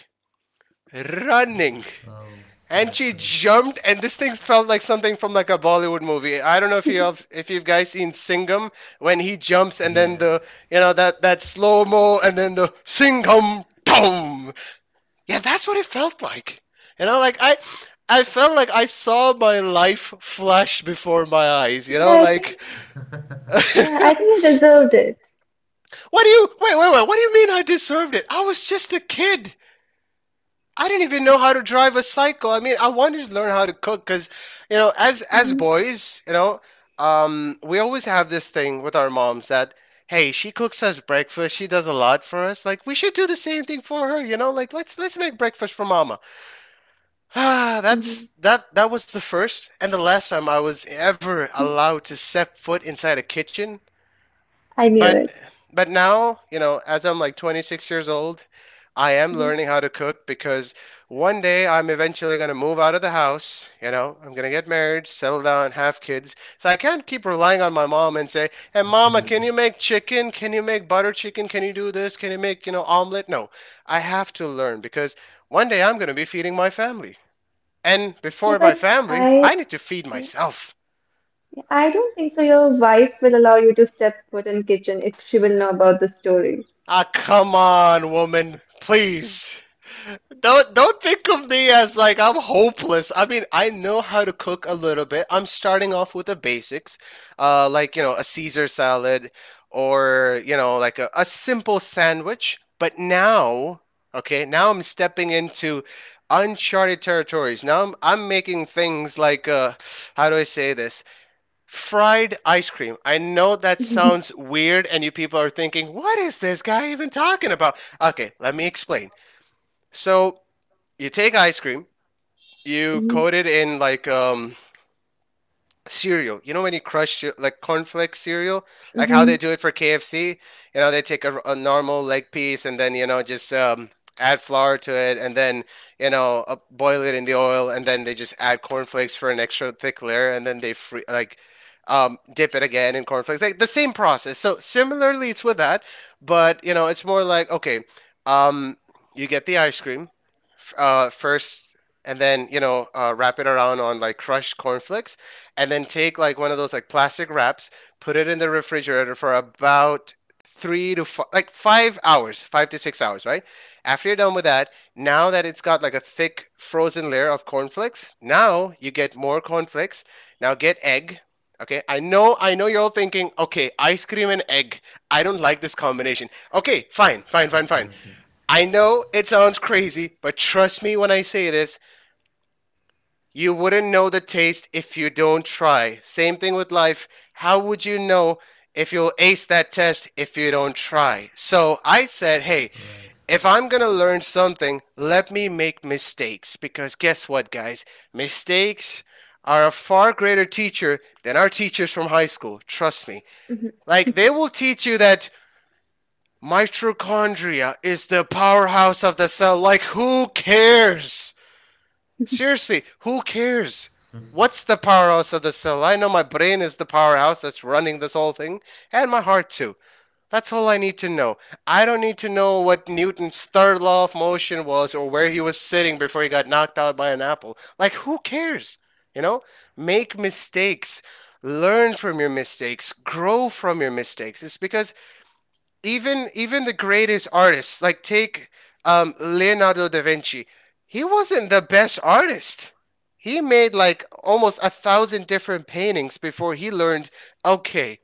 running. Oh, that's And she great. jumped, and this thing felt like something from like a Bollywood movie. I don't know if you've guys seen Singham, when he jumps and then Yes, the you know that that slow mo, and then the Singham tom. Yeah, that's what it felt like. You know, like I felt like I saw my life flash before my eyes, you But know, I think, like what yeah, do I think you deserved it. you wait, wait, wait, what do you mean I deserved it? I was just a kid. I didn't even know how to drive a cycle. I mean, I wanted to learn how to cook, cuz, as Hmm. boys, we always have this thing with our moms that, hey, she cooks us breakfast. She does a lot for us. Like, we should do the same thing for her, you know? Like, let's make breakfast for mama. Ah, Hmm. that was the first and the last time I was ever allowed to set foot inside a kitchen. I knew But it. but now, you know, as I'm like 26 years old, I am Hmm. learning how to cook because one day I'm eventually going to move out of the house. You know, I'm going to get married, settle down, have kids. So I can't keep relying on my mom and say, "Hey mama, absolutely, can you make chicken? Can you make butter chicken? Can you do this? Can you make, you know, omelet?" No. I have to learn because one day I'm going to be feeding my family. And Yeah, before my but family, I, I need to feed yeah, myself. yeah, I don't think so. Your wife will allow you to step foot in kitchen if she will know about the story. Ah, come on, woman. Please. Don't think of me as like I'm hopeless. I mean, I know how to cook a little bit. I'm starting off with the basics. Like, you know, a Caesar salad or, you know, like a simple sandwich. But now, okay, now I'm stepping into uncharted territories. Now I'm making things like how do I say this? Fried ice cream. I know that sounds weird, and you people are thinking, what is this guy even talking about? Okay, let me explain. So, you take ice cream, you coat it in like cereal. You know when you like cornflakes cereal, like how they Mm-hmm. do it for KFC. You know they take a normal leg piece and then you know just add flour to it and then you know boil it in the oil, and then they just add cornflakes for an extra thick layer, and then they free like dip it again in cornflakes. Like the same process. So similarly, it's with that, but you know it's more like okay, um, you get the ice cream first. And then you know, wrap it around on like crushed cornflakes, and then take like one of those like plastic wraps, put it in the refrigerator for about like 5 hours, 5 to 6 hours, right? After you're done with that, now that it's got like a thick frozen layer of cornflakes, now you get more cornflakes. Now get egg. Okay, I know you're all thinking, okay, ice cream and egg. I don't like this combination. Okay, fine, fine, fine, fine. absolutely. I know it sounds crazy, but trust me when I say this, you wouldn't know the taste if you don't try. Same thing with life. How would you know if you'll ace that test if you don't try? So I said, hey, Right, if I'm going to learn something, let me make mistakes. Because guess what, guys? Mistakes are a far greater teacher than our teachers from high school. Trust me. Like, they will teach you that mitochondria is the powerhouse of the cell. Like, who cares? Seriously, who cares? What's the powerhouse of the cell? I know my brain is the powerhouse that's running this whole thing, and my heart too. That's all I need to know. I don't need to know what Newton's third law of motion was or where he was sitting before he got knocked out by an apple. Like, who cares? You know? Make mistakes, learn from your mistakes, grow from your mistakes. It's because even the greatest artists, like take Leonardo da Vinci, he wasn't the best artist. He made like almost 1,000 different paintings before he learned, okay,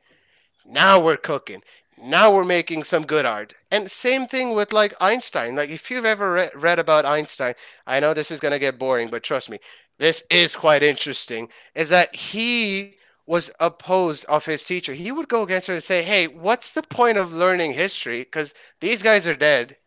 now we're cooking. Now we're making some good art. And same thing with like Einstein. Like if you've read about Einstein, I know this is going to get boring, but trust me, this is quite interesting. Is that he was opposed of his teacher. He would go against her and say, "Hey, what's the point of learning history cuz these guys are dead?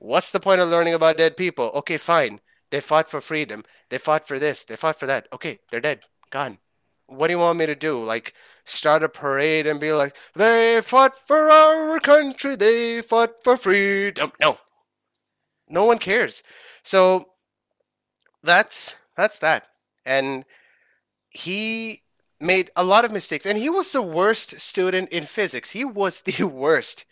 What's the point of learning about dead people? Okay, fine. They fought for freedom. They fought for this. They fought for that. Okay, they're dead. Gone. What do you want me to do? Like, start a parade and be like, they fought for our country. They fought for freedom." No, no one cares. So that's that. And he made a lot of mistakes. And he was the worst student in physics. He was the worst.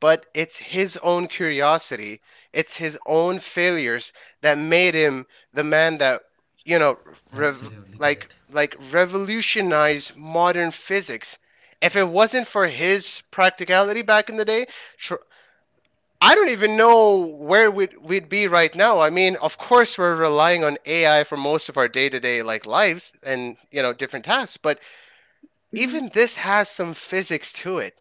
But it's his own curiosity, it's his own failures that made him the man that, you know, rev- absolutely like correct. Revolutionized modern physics. If it wasn't for his practicality back in the day, tr- I don't even know where we'd be right now. I mean, of course, we're relying on AI for most of our day to day like lives and you know different tasks, but Mhm. even this has some physics to it.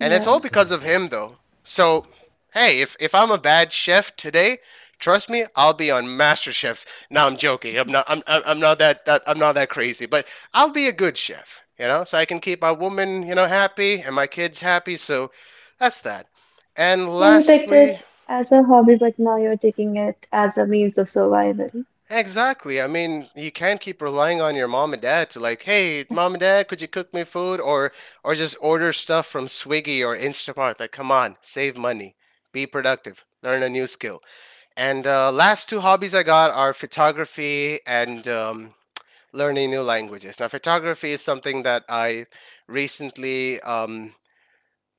And it's Yeah. all because of Absolutely. him, though. So, hey, if I'm a bad chef today, trust me, I'll be on MasterChefs. No, I'm joking. I'm not. I'm not that. I'm not that crazy. But I'll be a good chef, you know, so I can keep my woman, you know, happy and my kids happy. So that's that. And Yeah, you picked lastly, it as a hobby, but now you're taking it as a means of survival. exactly. I mean, you can't keep relying on your mom and dad to like, "Hey, mom and dad, could you cook me food?" Or just order stuff from Swiggy or Instacart. Like, come on, save money, be productive, learn a new skill. And last two hobbies I got are photography and learning new languages. Now, photography is something that I recently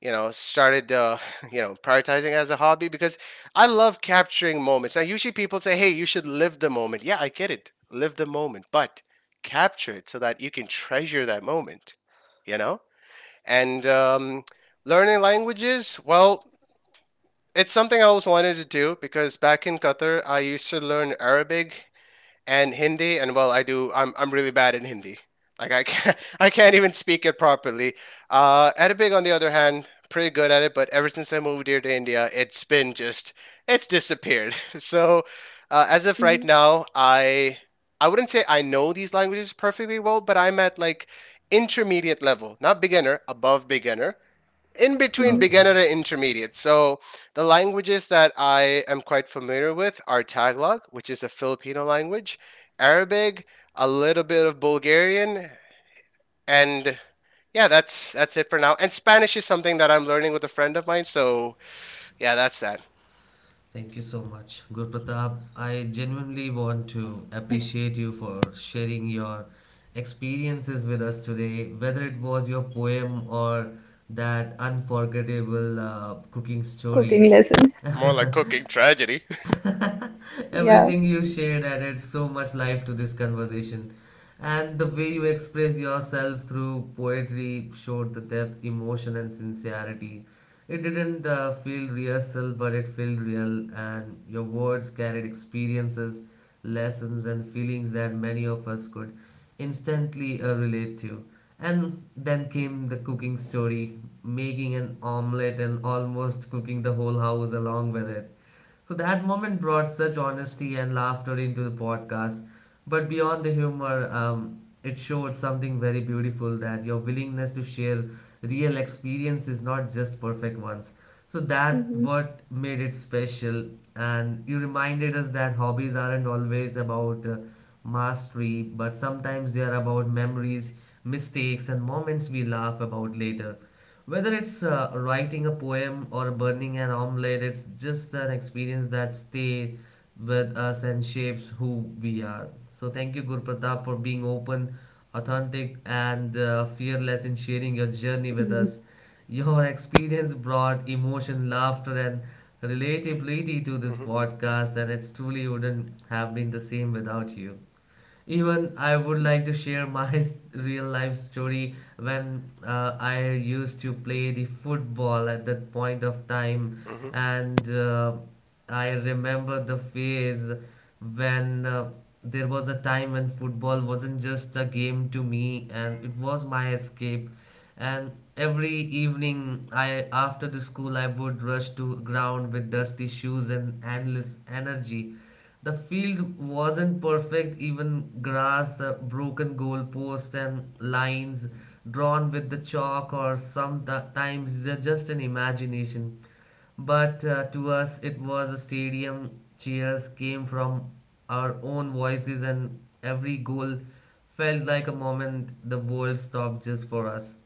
you know started you know prioritizing as a hobby because I love capturing moments. Now usually people say, hey, you should live the moment. Yeah, I get it, live the moment, but capture it so that you can treasure that moment, you know. And learning languages, well, it's something I always wanted to do because back in Qatar I used to learn Arabic and Hindi. And well, I do. I'm really bad in Hindi. Like I can't I can't even speak it properly. Arabic, on the other hand, pretty good at it. But ever since I moved here to India, it's been just it's disappeared. So as of Hmm. right now, I wouldn't say I know these languages perfectly well, but I'm at like intermediate level, not beginner, above beginner, in between Hmm. Okay. beginner and intermediate. So the languages that I am quite familiar with are Tagalog, which is the Filipino language, Arabic, a little bit of Bulgarian, and yeah, that's it for now. And Spanish is something that I'm learning with a friend of mine. So yeah, that's that. Thank you so much, Gurpratap. I genuinely want to appreciate you for sharing your experiences with us today, whether it was your poem or that unforgettable cooking Cooking story. lesson. More like cooking tragedy. Yeah. Everything you shared added so much life to this conversation, and the way you express yourself through poetry showed the depth, emotion, and sincerity. It didn't feel rehearsal, but it felt real, and your words carried experiences, lessons, and feelings that many of us could instantly relate to. And then came the cooking story, making an omelette and almost cooking the whole house along with it. So that moment brought such honesty and laughter into the podcast. But beyond the humor, it showed something very beautiful that your willingness to share real experiences, not just perfect ones. So that Hmm. what made it special, and you reminded us that hobbies aren't always about mastery, but sometimes they are about memories, mistakes, and moments we laugh about later. Whether it's writing a poem or burning an omelette, it's just an experience that stays with us and shapes who we are. So thank you, Guru Pratap, for being open, authentic, and fearless in sharing your journey with Hmm. us. Your experience brought emotion, laughter, and relatability to this Hmm. podcast, and it truly wouldn't have been the same without you. Even I would like to share my real life story when I used to play the football at that point of time, Hmm. and I remember the phase when there was a time when football wasn't just a game to me, and it was my escape. And every evening, I after the school, I would rush to ground with dusty shoes and endless energy. The field wasn't perfect, even grass, broken goalposts, and lines drawn with the chalk or sometimes just an imagination. But to us, it was a stadium. Cheers came from our own voices, and every goal felt like a moment the world stopped just for us.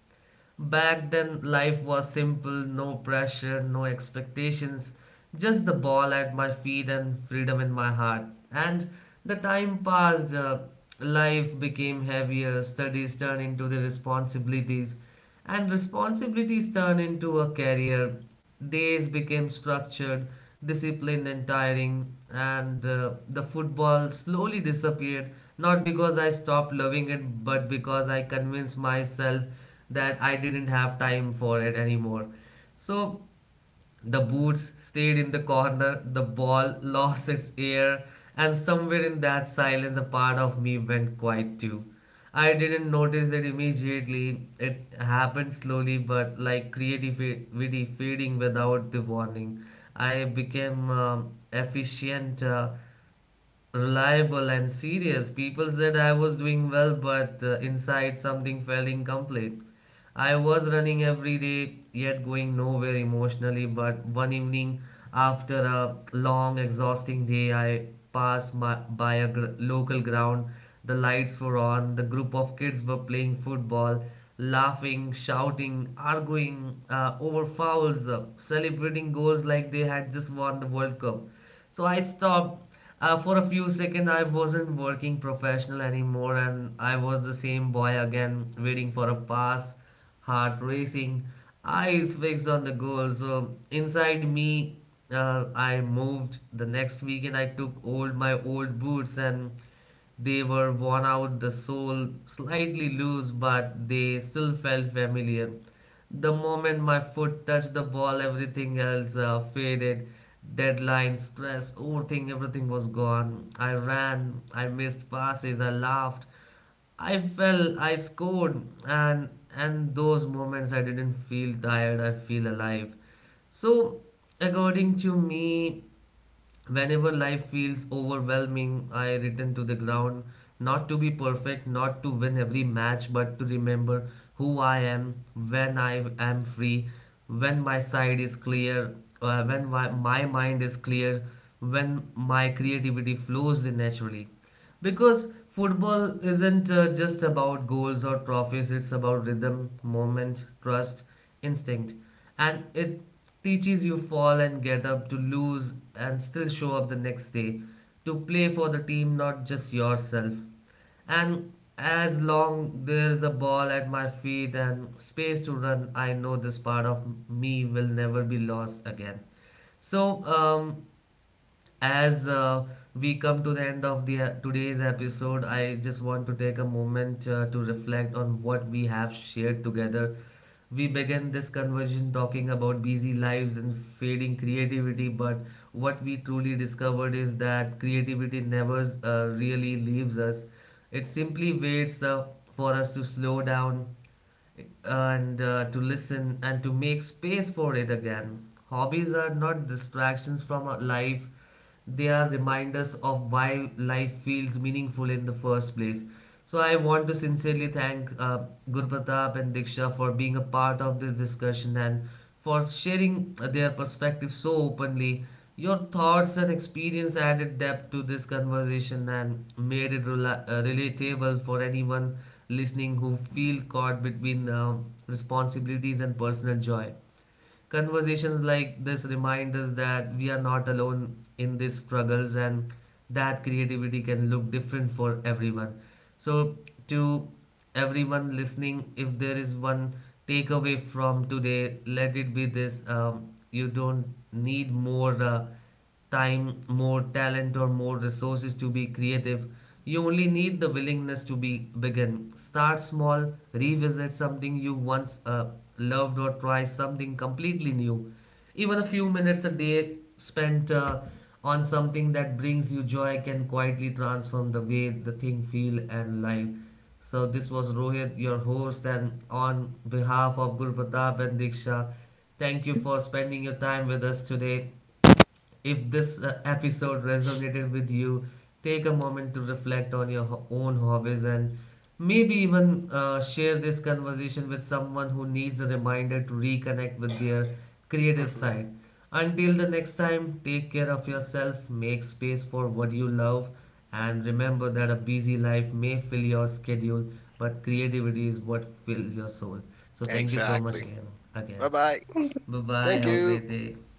Back then, life was simple, no pressure, no expectations, just the ball at my feet and freedom in my heart. And the time passed, life became heavier, studies turned into the responsibilities, and responsibilities turned into a career. Days became structured, disciplined, and tiring, and the football slowly disappeared. Not because I stopped loving it, but because I convinced myself that I didn't have time for it anymore. So the boots stayed in the corner, the ball lost its air, and somewhere in that silence, a part of me went quiet too. I didn't notice it immediately. It happened slowly, but like creativity fading without the warning. I became efficient, reliable and serious. People said I was doing well, but inside something felt incomplete. I was running every day, yet going nowhere emotionally. But one evening, after a long, exhausting day, I by a local ground. The lights were on, the group of kids were playing football. Laughing, shouting, arguing over fouls, celebrating goals like they had just won the World Cup. So I stopped. For a few seconds, I wasn't working professional anymore, and I was the same boy again, waiting for a pass, heart racing, eyes fixed on the goal. So inside me, I moved. The next weekend, I took old boots and they were worn out, the sole slightly loose, but they still felt familiar. The moment my foot touched the ball, everything else faded. Deadline, stress, overthink, everything was gone. I ran, I missed passes, I laughed, I fell, I scored, and and those moments I didn't feel tired, I feel alive. So, according to me, whenever life feels overwhelming, I return to the ground, not to be perfect, not to win every match, but to remember who I am when I am free, when my side is clear, my mind is clear, when my creativity flows naturally. Because football isn't just about goals or trophies, it's about rhythm, moment, trust, instinct. And it teaches you fall and get up to lose and still show up the next day, to play for the team, not just yourself. And as long there's a ball at my feet and space to run, I know this part of me will never be lost again. So, as we come to the end of the today's episode, I just want to take a moment to reflect on what we have shared together. We began this conversation talking about busy lives and fading creativity, but what we truly discovered is that creativity never really leaves us. It simply waits for us to slow down and to listen and to make space for it again. Hobbies are not distractions from our life, they are reminders of why life feels meaningful in the first place. So I want to sincerely thank Guru Pratap and Diksha for being a part of this discussion and for sharing their perspective so openly. Your thoughts and experience added depth to this conversation and made it relatable for anyone listening who feel caught between responsibilities and personal joy. Conversations like this remind us that we are not alone in these struggles and that creativity can look different for everyone. So, to everyone listening, if there is one takeaway from today, let it be this, you don't need more time, more talent, or more resources to be creative. You only need the willingness to be begin. Start small, revisit something you once loved, or try something completely new. Even a few minutes a day spent on something that brings you joy can quietly transform the way the thing feel and life. So this was Rohit, your host, and on behalf of Guru Pratap and Diksha, thank you for spending your time with us today. If this episode resonated with you, take a moment to reflect on your own hobbies and maybe even share this conversation with someone who needs a reminder to reconnect with their creative side. Until the next time, take care of yourself, make space for what you love, and remember that a busy life may fill your schedule, but creativity is what fills your soul. So, thank you so Exactly. much again. Bye Again, bye. Thank bye you. bye. Thank Have Bye. a you. great day.